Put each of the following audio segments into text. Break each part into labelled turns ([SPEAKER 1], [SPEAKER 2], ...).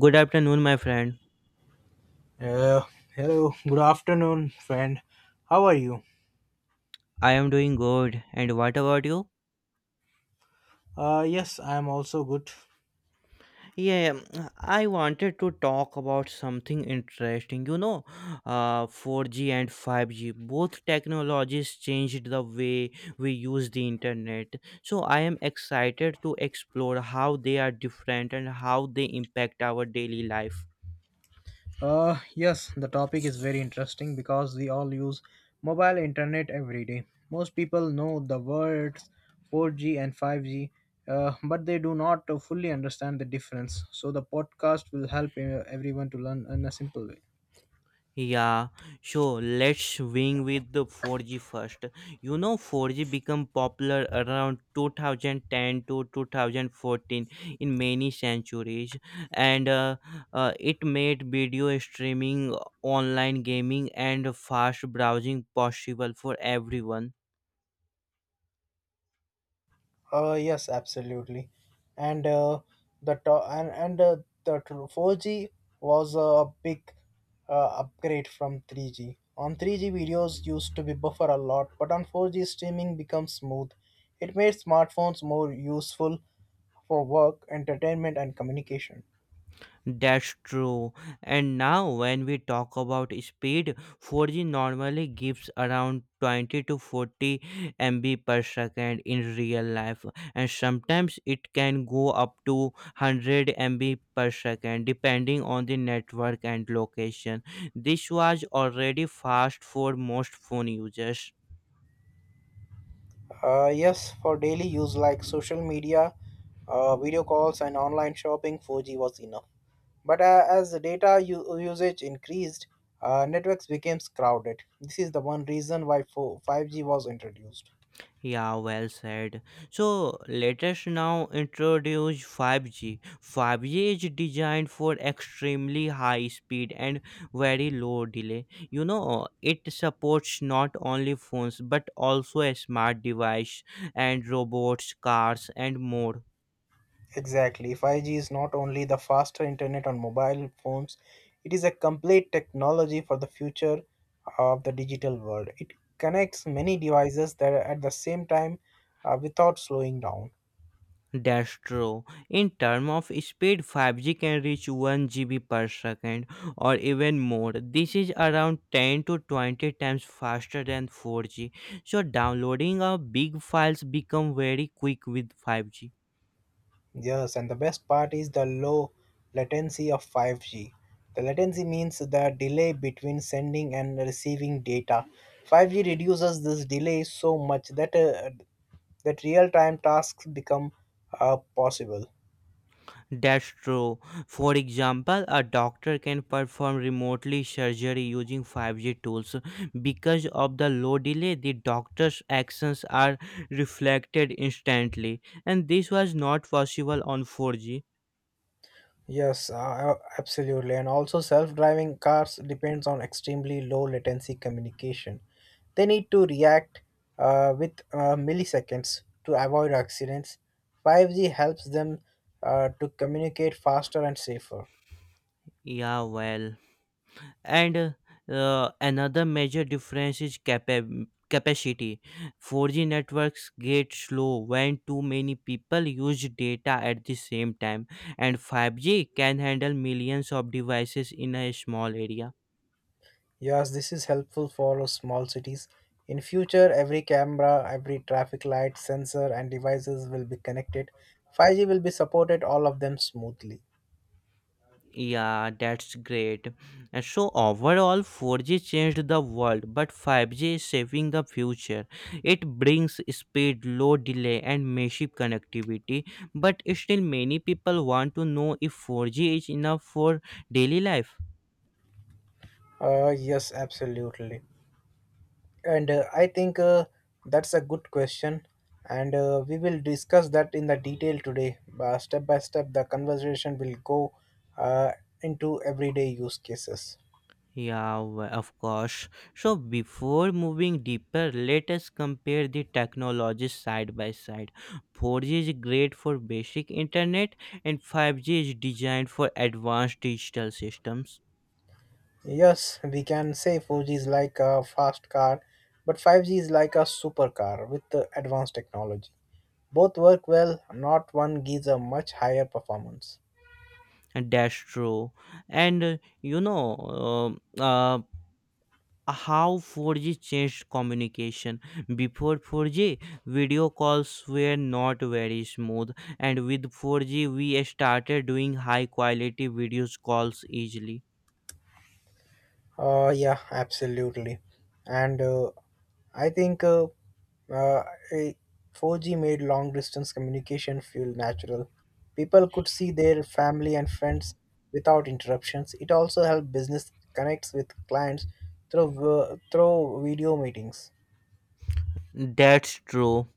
[SPEAKER 1] Good afternoon, my friend.
[SPEAKER 2] Uh, Hello, good afternoon, friend. How are you?
[SPEAKER 1] I am doing good. And what about you?
[SPEAKER 2] Yes, I am also good.
[SPEAKER 1] Yeah, I wanted to talk about something interesting. 4G and 5G, both technologies changed the way we use the internet. So I am excited to explore how they are different and how they impact our daily life.
[SPEAKER 2] Yes, the topic is very interesting because we all use mobile internet every day. Most people know the words 4G and 5G, but they do not fully understand the difference. So, the podcast will help everyone to learn in a simple way.
[SPEAKER 1] Yeah, so let's swing with the 4G first. You know, 4G became popular around 2010 to 2014 in many centuries, and it made video streaming, online gaming, and fast browsing possible for everyone.
[SPEAKER 2] Yes, absolutely, and the to- and the tr- 4G was a big upgrade from 3G. On 3G, videos used to be buffer a lot, but on 4G, streaming becomes smooth. It made smartphones more useful for work, entertainment, and communication.
[SPEAKER 1] That's true. And now, when we talk about speed, 4G normally gives around 20 to 40 MB per second in real life, and sometimes it can go up to 100 MB per second depending on the network and location. This was already fast for most phone users.
[SPEAKER 2] Yes, for daily use like social media, video calls, and online shopping, 4G was enough. But as the usage increased, networks became crowded. This is the one reason why 5G was introduced.
[SPEAKER 1] Yeah, well said. So let us now introduce 5G. 5G is designed for extremely high speed and very low delay. You know, it supports not only phones but also a smart device and robots, cars and more.
[SPEAKER 2] Exactly, 5G is not only the faster internet on mobile phones, it is a complete technology for the future of the digital world. It connects many devices that are at the same time without slowing down.
[SPEAKER 1] That's true. In terms of speed, 5G can reach 1 GB per second or even more. This is around 10 to 20 times faster than 4G. So downloading a big files become very quick with 5G.
[SPEAKER 2] Yes, and the best part is the low latency of 5G. The latency means the delay between sending and receiving data. 5G reduces this delay so much that real-time tasks become possible.
[SPEAKER 1] That's true. For example, a doctor can perform remotely surgery using 5G tools. Because of the low delay, the doctor's actions are reflected instantly, and this was not possible on 4G.
[SPEAKER 2] Yes, absolutely. And also, self-driving cars depends on extremely low latency communication. They need to react with milliseconds to avoid accidents. 5G helps them to communicate faster and safer.
[SPEAKER 1] Yeah, well, and another major difference is capacity. 4G networks get slow when too many people use data at the same time, and 5G can handle millions of devices in a small area.
[SPEAKER 2] Yes, this is helpful for us small cities. In future, every camera, every traffic light, sensor, and devices will be connected. 5G will be supported all of them smoothly.
[SPEAKER 1] Yeah, that's great. And so overall, 4G changed the world, but 5G is saving the future. It brings speed, low delay, and massive connectivity. But still, many people want to know if 4G is enough for daily life.
[SPEAKER 2] Yes, absolutely. And I think That's a good question. And We will discuss that in the detail today. Step by step, the conversation will go uh, into everyday use cases.
[SPEAKER 1] Yeah, of course. So before moving deeper, let us compare the technologies side by side. 4G is great for basic internet and 5G is designed for advanced digital systems.
[SPEAKER 2] Yes, we can say 4G is like a fast car, but 5G is like a supercar with advanced technology. Both work well, not one gives a much higher performance.
[SPEAKER 1] And that's true. And uh, you know, um, uh, how 4G changed communication. Before 4G, video calls were not very smooth, and with 4G, we started doing high quality video calls easily.
[SPEAKER 2] Yeah, absolutely. And I think uh, eh, 4G made long distance communication feel natural. People could see their family and friends without interruptions. It also helped business connects with clients through video meetings.
[SPEAKER 1] That's true.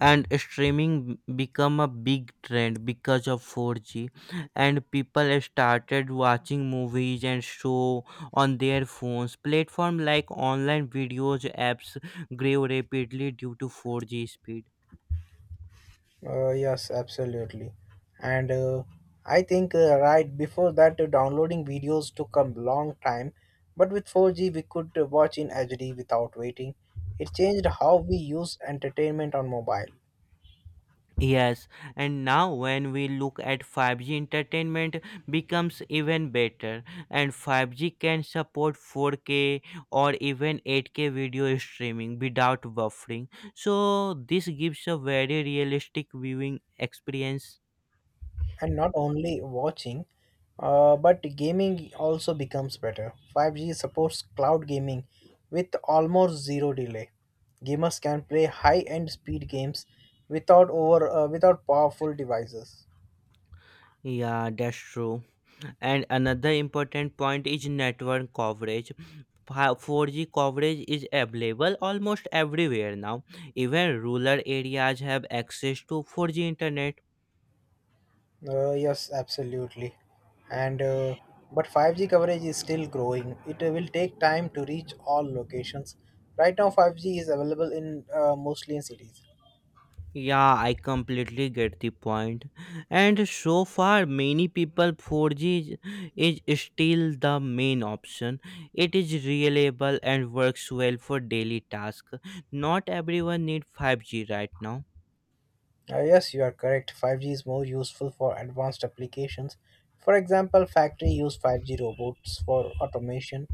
[SPEAKER 1] And streaming become a big trend because of 4G and people started watching movies and show on their phones. Platform like online videos apps grew rapidly due to 4G speed.
[SPEAKER 2] Yes, absolutely. And I think Right before that, downloading videos took a long time, but with 4G, we could watch in HD without waiting. It changed how we use entertainment on mobile,
[SPEAKER 1] Yes, and now when we look at 5G entertainment becomes even better and 5G can support 4K or even 8K video streaming without buffering. So this gives a very realistic viewing experience.
[SPEAKER 2] and not only watching, but gaming also becomes better. 5G supports cloud gaming with almost zero delay. Gamers can play high-end speed games without powerful devices.
[SPEAKER 1] Yeah, that's true. And another important point is network coverage. 4G coverage is available almost everywhere now. Even rural areas have access to 4G internet.
[SPEAKER 2] Yes, absolutely. And But 5G coverage is still growing. It will take time to reach all locations. Right now, 5G is available in mostly in cities.
[SPEAKER 1] Yeah, I completely get the point. And so far, many people 4G is still the main option. It is reliable and works well for daily tasks. Not everyone need 5G right now.
[SPEAKER 2] Yes, you are correct. 5G is more useful for advanced applications. For example, factory use 5G robots for automation.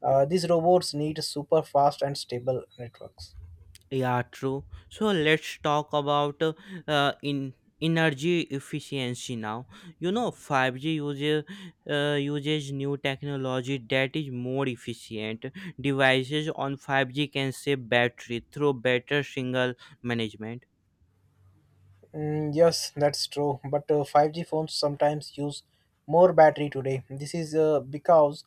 [SPEAKER 2] These robots need super fast and stable networks.
[SPEAKER 1] Yeah, true. So let's talk about in energy efficiency now. You know, 5G uses new technology that is more efficient. Devices on 5G can save battery through better signal management.
[SPEAKER 2] Yes, that's true. But 5G phones sometimes use more battery today. This is because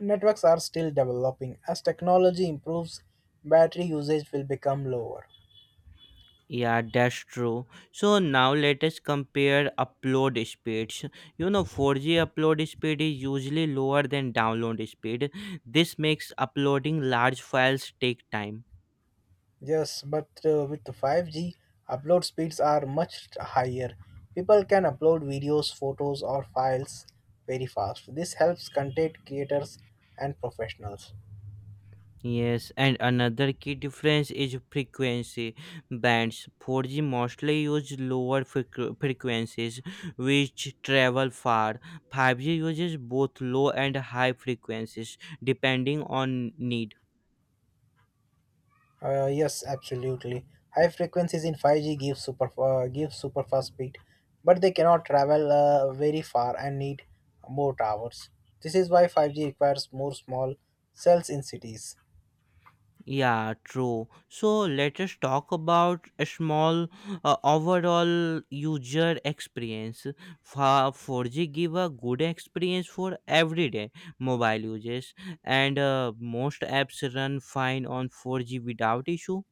[SPEAKER 2] networks are still developing. As technology improves, battery usage will become lower.
[SPEAKER 1] Yeah, that's true. So now let us compare upload speeds. You know, 4G upload speed is usually lower than download speed. This makes uploading large files take time.
[SPEAKER 2] Yes, but with the 5G, upload speeds are much higher. People can upload videos, photos, or files very fast. This helps content creators and professionals.
[SPEAKER 1] Yes, and another key difference is frequency. Bands 4G mostly use lower frequencies which travel far. 5G uses both low and high frequencies depending on need.
[SPEAKER 2] Yes, absolutely. High frequencies in 5G give super fast speed, but they cannot travel very far and need more towers. This is why 5G requires more small cells in cities.
[SPEAKER 1] Yeah, true. So let us talk about a small overall user experience. For 4G give a good experience for everyday mobile users, and most apps run fine on 4G without issue.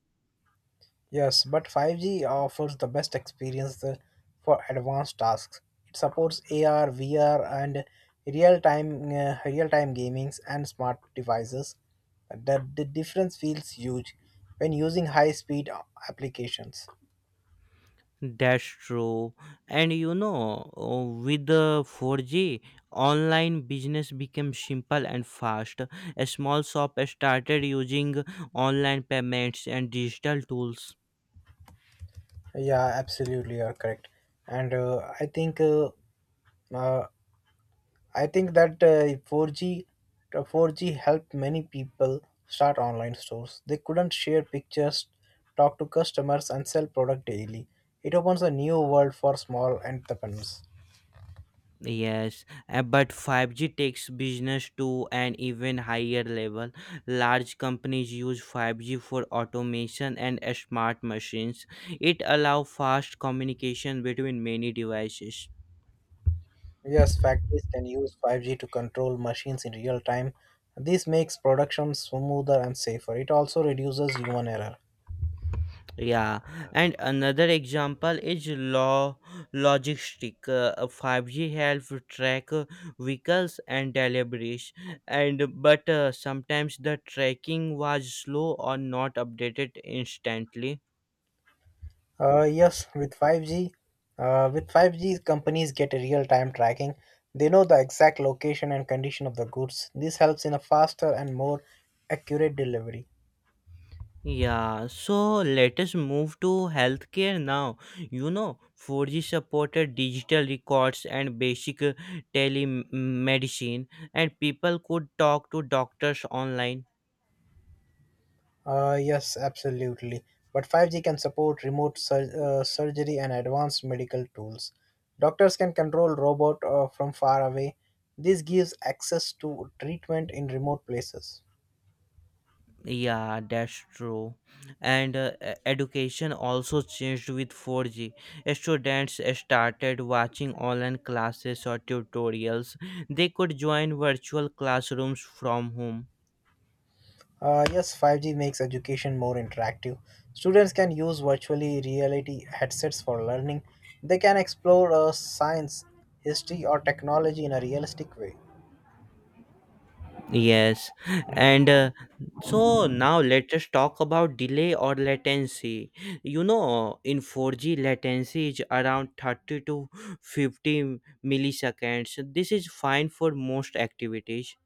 [SPEAKER 2] Yes, but 5G offers the best experience for advanced tasks. It supports AR, VR, and real-time gamings and smart devices. The difference feels huge when using high-speed applications.
[SPEAKER 1] That's true. With the 4G, online business became simple and fast. A small shop started using online payments and digital tools.
[SPEAKER 2] Yeah, absolutely, you're correct. And uh, I think that 4G 4G helped many people start online stores. They couldn't share pictures, talk to customers, and sell product daily. It opens a new world for small entrepreneurs.
[SPEAKER 1] Yes, but 5G takes business to an even higher level. Large companies use 5G for automation and smart machines. It allows fast communication between many devices.
[SPEAKER 2] Yes, factories can use 5G to control machines in real time. This makes production smoother and safer. It also reduces human error.
[SPEAKER 1] Yeah, and another example is law logistic. 5G help track vehicles and deliveries, and but sometimes the tracking was slow or not updated instantly.
[SPEAKER 2] Yes, with 5G, companies get a real-time tracking. They know the exact location and condition of the goods. This helps in a faster and more accurate delivery.
[SPEAKER 1] Yeah, so let us move to healthcare now. You know, 4G supported digital records and basic telemedicine, and people could talk to doctors online.
[SPEAKER 2] Yes, absolutely. But 5G can support remote surgery and advanced medical tools. Doctors can control robot from far away. This gives access to treatment in remote places.
[SPEAKER 1] Yeah, that's true. Education also changed with 4G. Students started watching online classes or tutorials. They could join virtual classrooms from home.
[SPEAKER 2] Yes, 5G makes education more interactive. Students can use virtually reality headsets for learning. They can explore science, history, or technology in a realistic way.
[SPEAKER 1] Yes, and so now let us talk about delay or latency. You know, in 4G, latency is around 30 to 50 milliseconds. This is fine for most activities.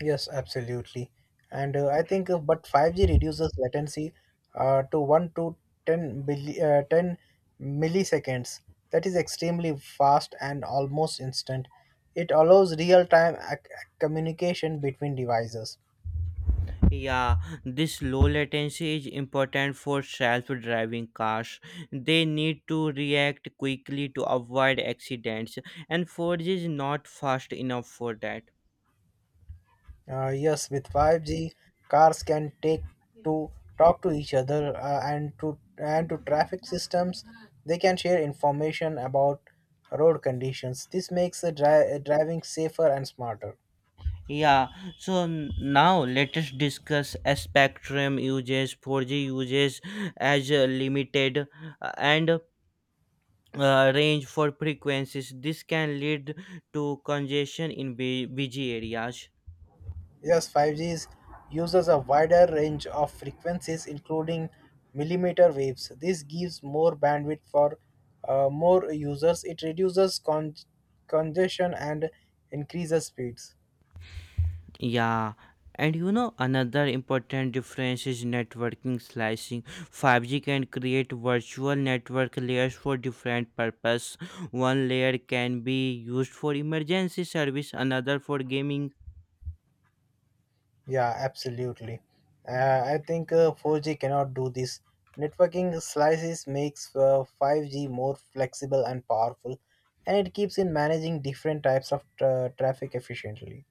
[SPEAKER 2] Yes, absolutely. But 5G reduces latency to 1 to 10 milliseconds. That is extremely fast and almost instant. It allows real time communication between devices.
[SPEAKER 1] Yeah, this low latency is important for self driving cars. They need to react quickly to avoid accidents, and 4G is not fast enough for that.
[SPEAKER 2] Yes, with 5G, cars can take to talk to each other and to traffic systems. They can share information about road conditions. This makes the driving safer and smarter.
[SPEAKER 1] Yeah, so now let us discuss spectrum uses, 4G uses as limited and range for frequencies. This can lead to congestion in busy areas.
[SPEAKER 2] Yes, 5G uses a wider range of frequencies, including millimeter waves. This gives more bandwidth for more users. It reduces congestion and increases speeds.
[SPEAKER 1] Yeah, and you know another important difference is networking slicing. 5G can create virtual network layers for different purpose. One layer can be used for emergency service, another for gaming.
[SPEAKER 2] Yeah, absolutely. I think 4G cannot do this. Networking slices makes 5G more flexible and powerful, and it keeps in managing different types of traffic efficiently.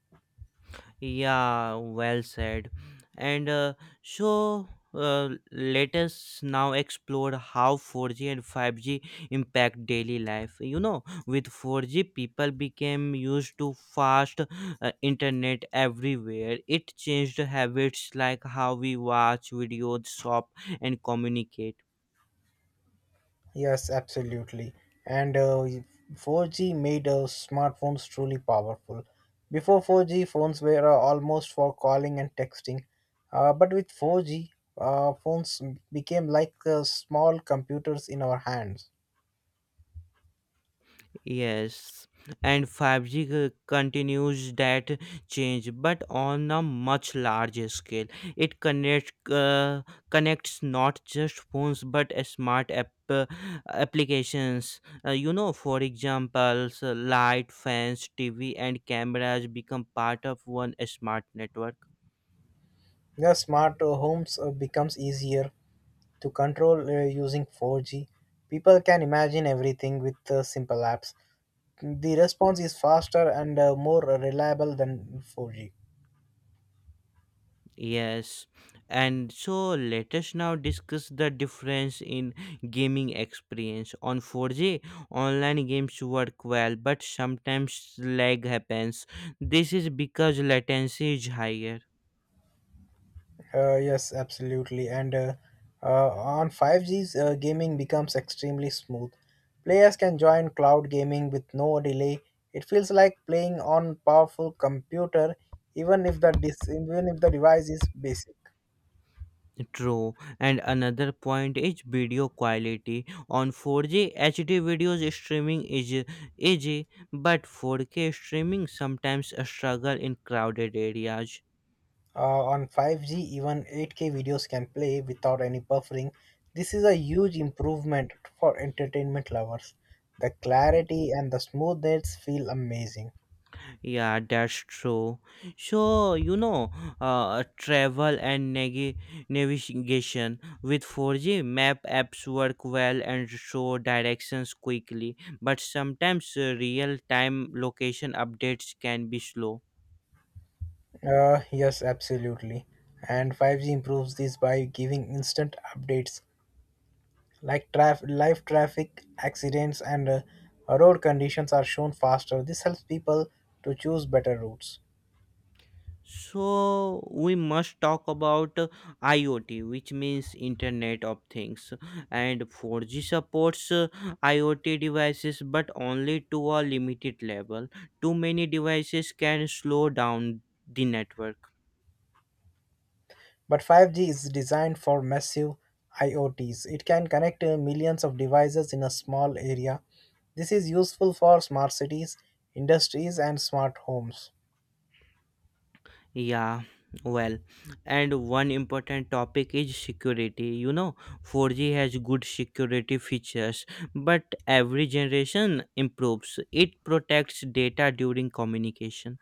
[SPEAKER 1] Yeah, well said. And so Let us now explore how 4G and 5G impact daily life. You know, with 4G, people became used to fast internet everywhere. It changed habits like how we watch videos, shop, and communicate.
[SPEAKER 2] Yes, absolutely. And 4G made smartphones truly powerful. Before 4G, phones were almost for calling and texting. But with 4G, phones became like small computers in our hands.
[SPEAKER 1] Yes, and 5G continues that change, but on a much larger scale. It connects not just phones but a smart applications. You know, for example, so light, fans, TV, and cameras become part of one smart network.
[SPEAKER 2] The smart homes becomes easier to control using 4G. People can imagine everything with simple apps. The response is faster and more reliable than 4G.
[SPEAKER 1] Yes, and so let us now discuss the difference in gaming experience. On 4G, online games work well, but sometimes lag happens. This is because latency is higher.
[SPEAKER 2] Yes, absolutely. And On 5G's gaming becomes extremely smooth. Players can join cloud gaming with no delay. It feels like playing on powerful computer, even if the dis- even if the device is basic.
[SPEAKER 1] True, and another point is video quality. On 4G, HD videos streaming is easy, but 4K streaming sometimes struggle in crowded areas.
[SPEAKER 2] On 5G, even 8K videos can play without any buffering. This is a huge improvement for entertainment lovers. The clarity and the smoothness feel amazing.
[SPEAKER 1] Yeah, that's true. So, you know, travel and navigation with 4G map apps work well and show directions quickly, but sometimes real time location updates can be slow.
[SPEAKER 2] Yes, absolutely. And 5G improves this by giving instant updates like live traffic, accidents, and road conditions are shown faster. This helps people to choose better routes.
[SPEAKER 1] So we must talk about IoT, which means Internet of Things, and 4G supports IoT devices, but only to a limited level. Too many devices can slow down the network.
[SPEAKER 2] But 5G is designed for massive IoTs. It can connect millions of devices in a small area. This is useful for smart cities, industries, and smart homes.
[SPEAKER 1] Yeah, well, and one important topic is security. You know, 4G has good security features, but every generation improves. It protects data during communication.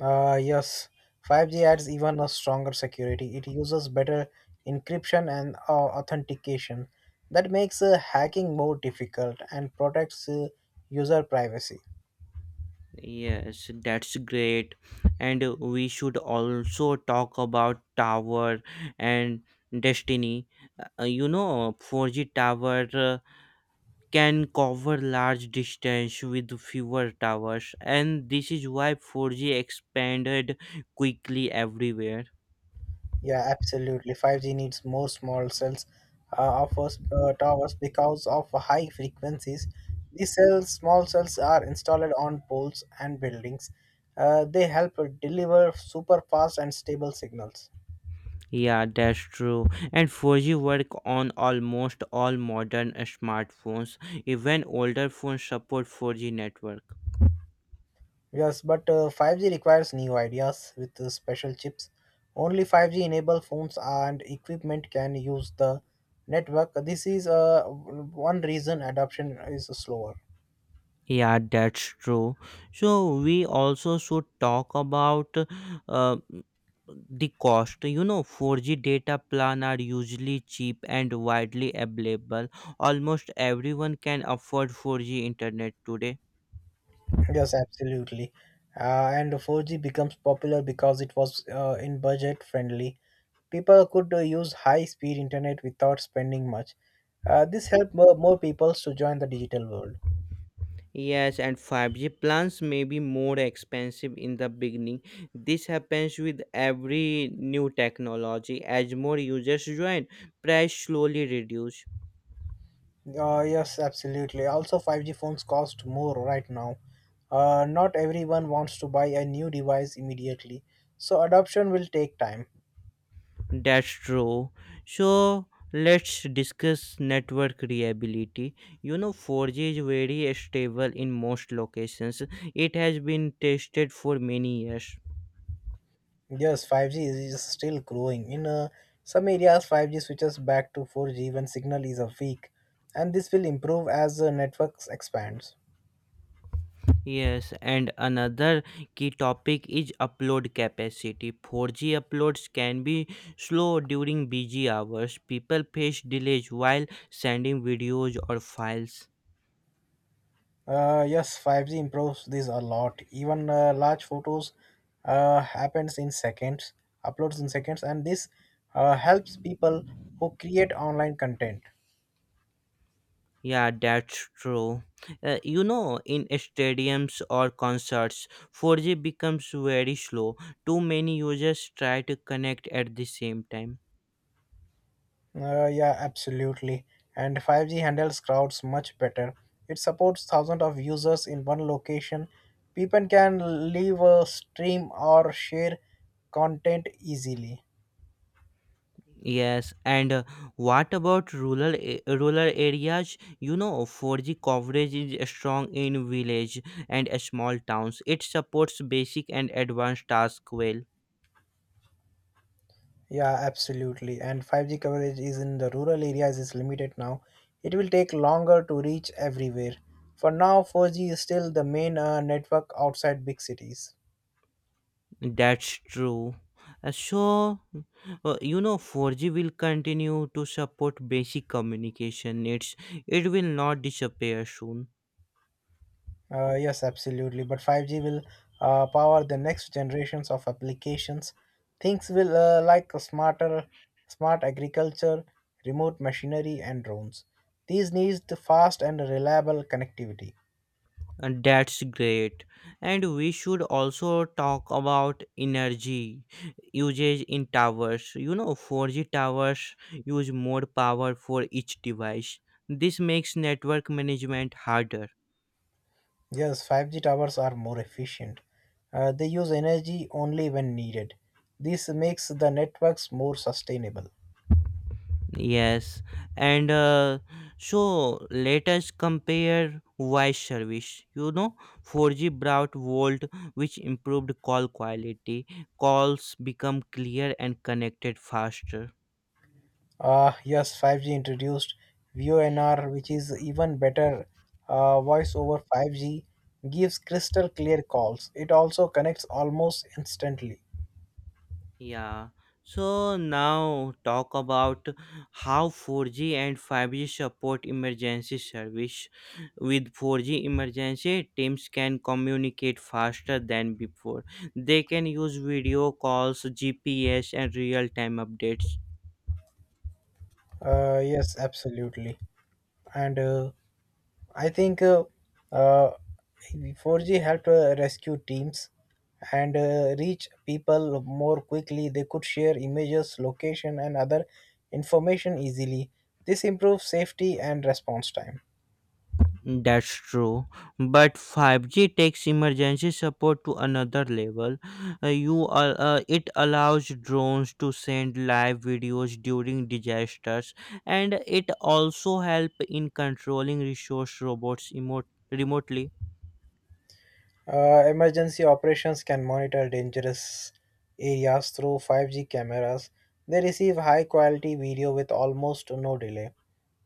[SPEAKER 2] Yes, 5G adds even a stronger security. It uses better encryption and authentication. That makes hacking more difficult and protects user privacy.
[SPEAKER 1] Yes, that's great. And We should also talk about Tower and Destiny. You know, 4G Tower can cover large distance with fewer towers, and this is why 4G expanded quickly everywhere.
[SPEAKER 2] Yeah, absolutely. 5G needs more small cells, offers towers because of high frequencies. These cells, small cells, are installed on poles and buildings. They help deliver super fast and stable signals.
[SPEAKER 1] Yeah, that's true. And 4G work on almost all modern smartphones. Even older phones support 4G network.
[SPEAKER 2] Yes, but 5G requires new ideas with special chips. Only 5G enable phones and equipment can use the network. This is one reason adoption is slower.
[SPEAKER 1] Yeah, that's true. So we also should talk about uh, the cost. You know, 4G data plan are usually cheap and widely available. Almost everyone can afford 4G internet today.
[SPEAKER 2] Yes, absolutely. And 4G becomes popular because it was in budget friendly. People could use high speed internet without spending much. This helped more people to join the digital world.
[SPEAKER 1] Yes, and 5G plans may be more expensive in the beginning. This happens with every new technology. As more users join, price slowly reduce.
[SPEAKER 2] Yes, absolutely. Also, 5G phones cost more right now. Not everyone wants to buy a new device immediately, so adoption will take time.
[SPEAKER 1] That's true. So let's discuss network reliability. You know, 4G is very stable in most locations. It has been tested for many years.
[SPEAKER 2] Yes, 5G is still growing. In some areas, 5G switches back to 4G when signal is weak, and this will improve as the networks expands.
[SPEAKER 1] Yes, and another key topic is upload capacity. 4G uploads can be slow during busy hours. People face delays while sending videos or files.
[SPEAKER 2] Yes, 5G improves this a lot. Even large photos uh, happens in seconds, uploads in seconds, and this helps people who create online content.
[SPEAKER 1] Yeah, that's true. You know, in stadiums or concerts, 4G becomes very slow. Too many users try to connect at the same time.
[SPEAKER 2] Yeah, absolutely. And 5G handles crowds much better. It supports thousands of users in one location. People can leave a stream or share content easily.
[SPEAKER 1] Yes, and what about rural rural areas? You know, 4G coverage is strong in village and small towns. It supports basic and advanced tasks well.
[SPEAKER 2] Yeah, absolutely. And 5G coverage is in the rural areas is limited now. It will take longer to reach everywhere. For now, 4G is still the main network outside big cities.
[SPEAKER 1] That's true. Uh, So, you know, 4G will continue to support basic communication needs. It will not disappear soon.
[SPEAKER 2] Yes, absolutely. But 5G will power the next generations of applications. Things will like a smarter, smart agriculture, remote machinery, and drones. These need the fast and reliable connectivity.
[SPEAKER 1] And that's great. And we should also talk about energy usage in towers. You know, 4G towers use more power for each device. This makes network management harder.
[SPEAKER 2] Yes, 5G towers are more efficient. They use energy only when needed. This makes the networks more sustainable.
[SPEAKER 1] Yes, and so let us compare voice service. You know, 4G brought Volt, which improved call quality. Calls become clear and connected faster.
[SPEAKER 2] Yes, 5G introduced VoNR, which is even better. Voice over 5G gives crystal clear calls. It also connects almost instantly.
[SPEAKER 1] Yeah. So now talk about how 4G and 5G support emergency service. With 4G emergency, teams can communicate faster than before. They can use video calls, GPS, and real-time updates.
[SPEAKER 2] Yes, absolutely. And I think uh, 4G helped rescue teams and reach people more quickly. They could share images, location, and other information easily. This improves safety and response time.
[SPEAKER 1] That's true. But 5G takes emergency support to another level. It allows drones to send live videos during disasters and it also help in controlling resource robots remotely.
[SPEAKER 2] Emergency operations can monitor dangerous areas through 5G cameras. They receive high quality video with almost no delay.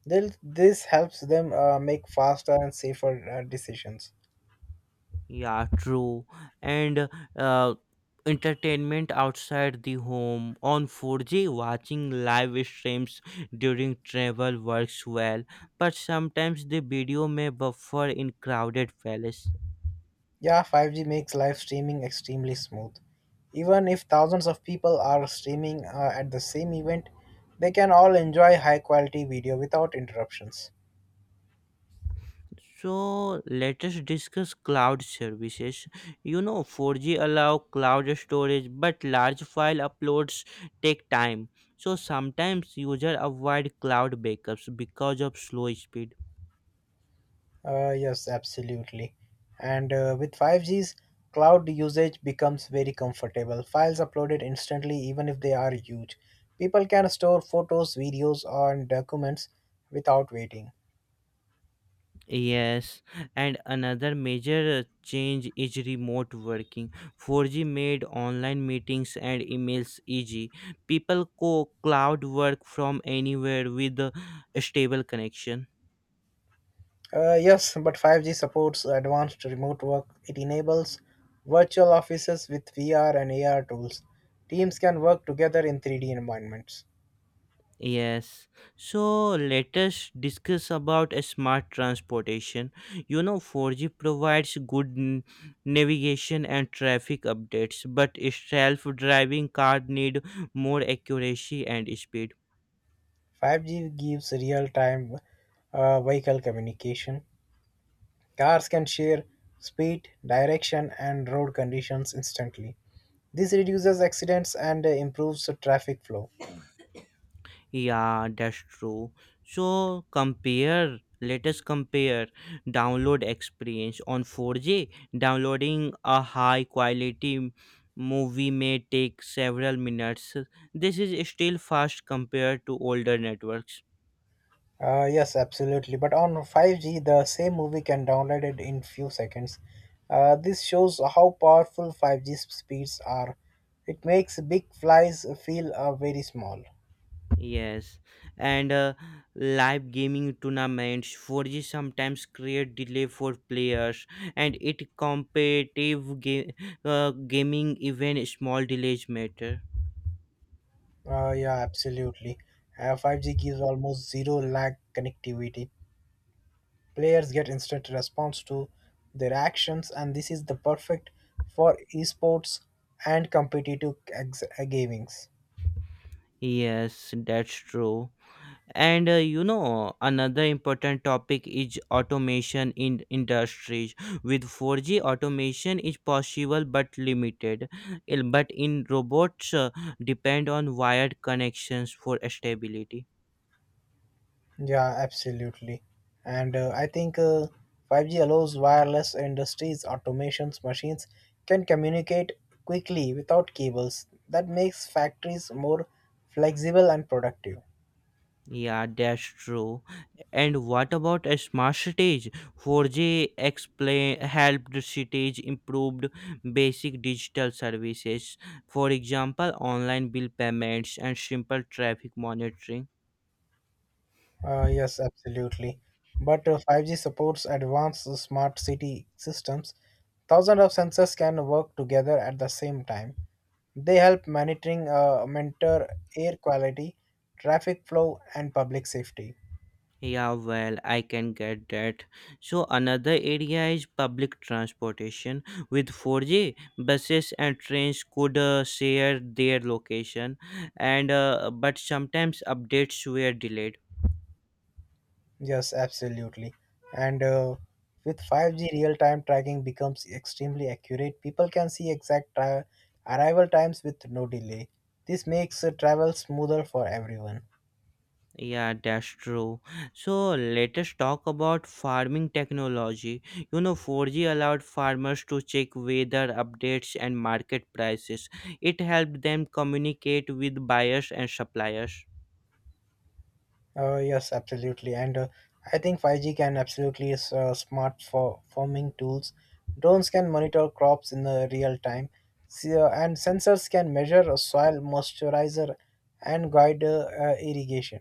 [SPEAKER 2] They'll, this helps them make faster and safer decisions.
[SPEAKER 1] Yeah, true. And uh, Entertainment outside the home on 4G, watching live streams during travel works well, but sometimes the video may buffer in crowded palace.
[SPEAKER 2] Yeah, 5G makes live streaming extremely smooth. Even if thousands of people are streaming at the same event, they can all enjoy high quality video without interruptions.
[SPEAKER 1] So let us discuss cloud services. You know, 4G allow cloud storage, but large file uploads take time. So sometimes user avoid cloud backups because of slow speed.
[SPEAKER 2] Yes, absolutely. And With 5G's, cloud usage becomes very comfortable. Files uploaded instantly, even if they are huge. People can store photos, videos, and documents without waiting.
[SPEAKER 1] Yes, and another major change is remote working. 4G made online meetings and emails easy. People co cloud work from anywhere with a stable connection.
[SPEAKER 2] Yes, but 5G supports advanced remote work. It enables virtual offices with VR and AR tools. Teams can work together in 3D environments.
[SPEAKER 1] Yes. So let us discuss about a smart transportation. You know 4G provides good navigation and traffic updates, but self-driving car need more accuracy and speed.
[SPEAKER 2] 5G gives real time vehicle communication. Cars can share speed, direction, and road conditions instantly. This reduces accidents and improves the traffic flow.
[SPEAKER 1] Yeah, that's true. So compare, let us compare download experience on 4G. Downloading a high quality movie may take several minutes. This is still fast compared to older networks.
[SPEAKER 2] Yes, absolutely. But on 5G, the same movie can download it in few seconds. This shows how powerful 5G speeds are. It makes big flies feel very small.
[SPEAKER 1] Yes, and live gaming tournaments 4G sometimes create delay for players, and it competitive gaming even small delays matter.
[SPEAKER 2] Yeah, absolutely. 5G gives almost zero lag connectivity. Players get instant response to their actions, and this is the perfect for esports and competitive gamings.
[SPEAKER 1] Yes, that's true. And You know, another important topic is automation in industries. With 4G, automation is possible but limited. But in robots, depend on wired connections for stability.
[SPEAKER 2] Yeah, absolutely. And I think 5G allows wireless industries, automations, machines can communicate quickly without cables. That makes factories more flexible and productive.
[SPEAKER 1] Yeah, that's true. And what about a smart cities? 4G explain helped cities improved basic digital services, for example, online bill payments and simple traffic monitoring.
[SPEAKER 2] Yes, absolutely. But 5G supports advanced smart city systems. Thousands of sensors can work together at the same time. They help monitor air quality, traffic flow, and public safety.
[SPEAKER 1] Yeah, well, I can get that. So another area is public transportation. With 4G, buses and trains could share their location, and but sometimes updates were delayed.
[SPEAKER 2] Yes, absolutely. And With 5G, real-time tracking becomes extremely accurate. People can see exact arrival times with no delay. This makes travel smoother for everyone.
[SPEAKER 1] Yeah, that's true. So let us talk about farming technology. You know, 4G allowed farmers to check weather updates and market prices. It helped them communicate with buyers and suppliers.
[SPEAKER 2] Yes, absolutely. And I think 5G can absolutely is smart for farming tools. Drones can monitor crops in the real time, See, and sensors can measure soil moisturizer and guide irrigation.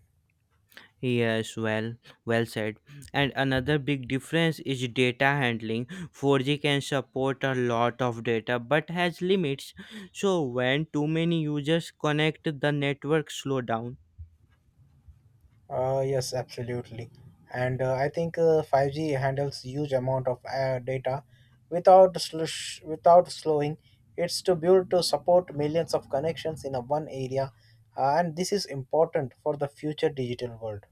[SPEAKER 1] Yes, well, well said. And another big difference is data handling. 4G can support a lot of data but has limits. So when too many users connect, the network slow down.
[SPEAKER 2] Yes, absolutely. And I think 5G handles huge amount of data without slowing. It's to build to support millions of connections in a one area, and this is important for the future digital world.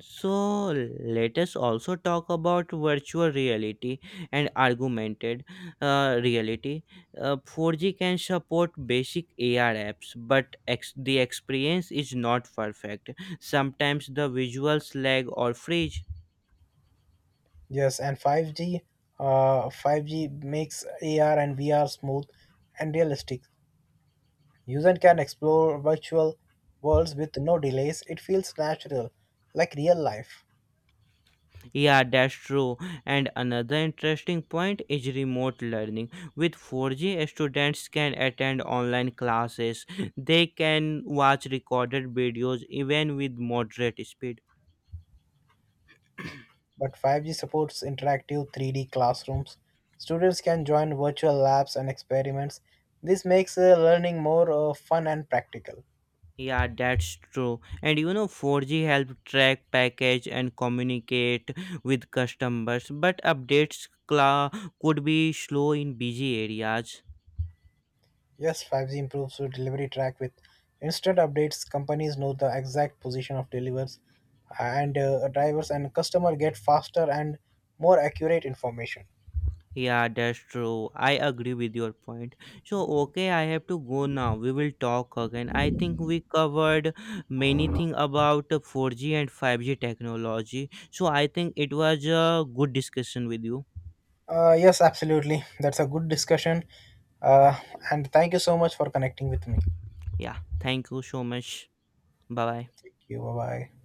[SPEAKER 1] So let us also talk about virtual reality and augmented reality. 4G can support basic AR apps, but the experience is not perfect. Sometimes the visuals lag or freeze.
[SPEAKER 2] Yes, and 5G makes AR and VR smooth and realistic. Users can explore virtual worlds with no delays. It feels natural, like real life.
[SPEAKER 1] Yeah, that's true. And another interesting point is remote learning. With 4G, students can attend online classes. They can watch recorded videos even with moderate speed.
[SPEAKER 2] But 5G supports interactive 3D classrooms. Students can join virtual labs and experiments. This makes learning more fun and practical.
[SPEAKER 1] Yeah, that's true. And you know, 4G help track package and communicate with customers, but updates cla could be slow in busy areas.
[SPEAKER 2] Yes, 5G improves the delivery track with instant updates. Companies know the exact position of delivers and drivers, and customer get faster and more accurate information.
[SPEAKER 1] Yeah, that's true. I agree with your point. So, okay, I have to go now. We will talk again. I think we covered many things about 4G and 5G technology. So, I think it was a good discussion with you.
[SPEAKER 2] Yes, absolutely. That's a good discussion. Uh, and thank you so much for connecting with me.
[SPEAKER 1] Yeah, thank you so much. Bye bye.
[SPEAKER 2] Thank you. Bye bye.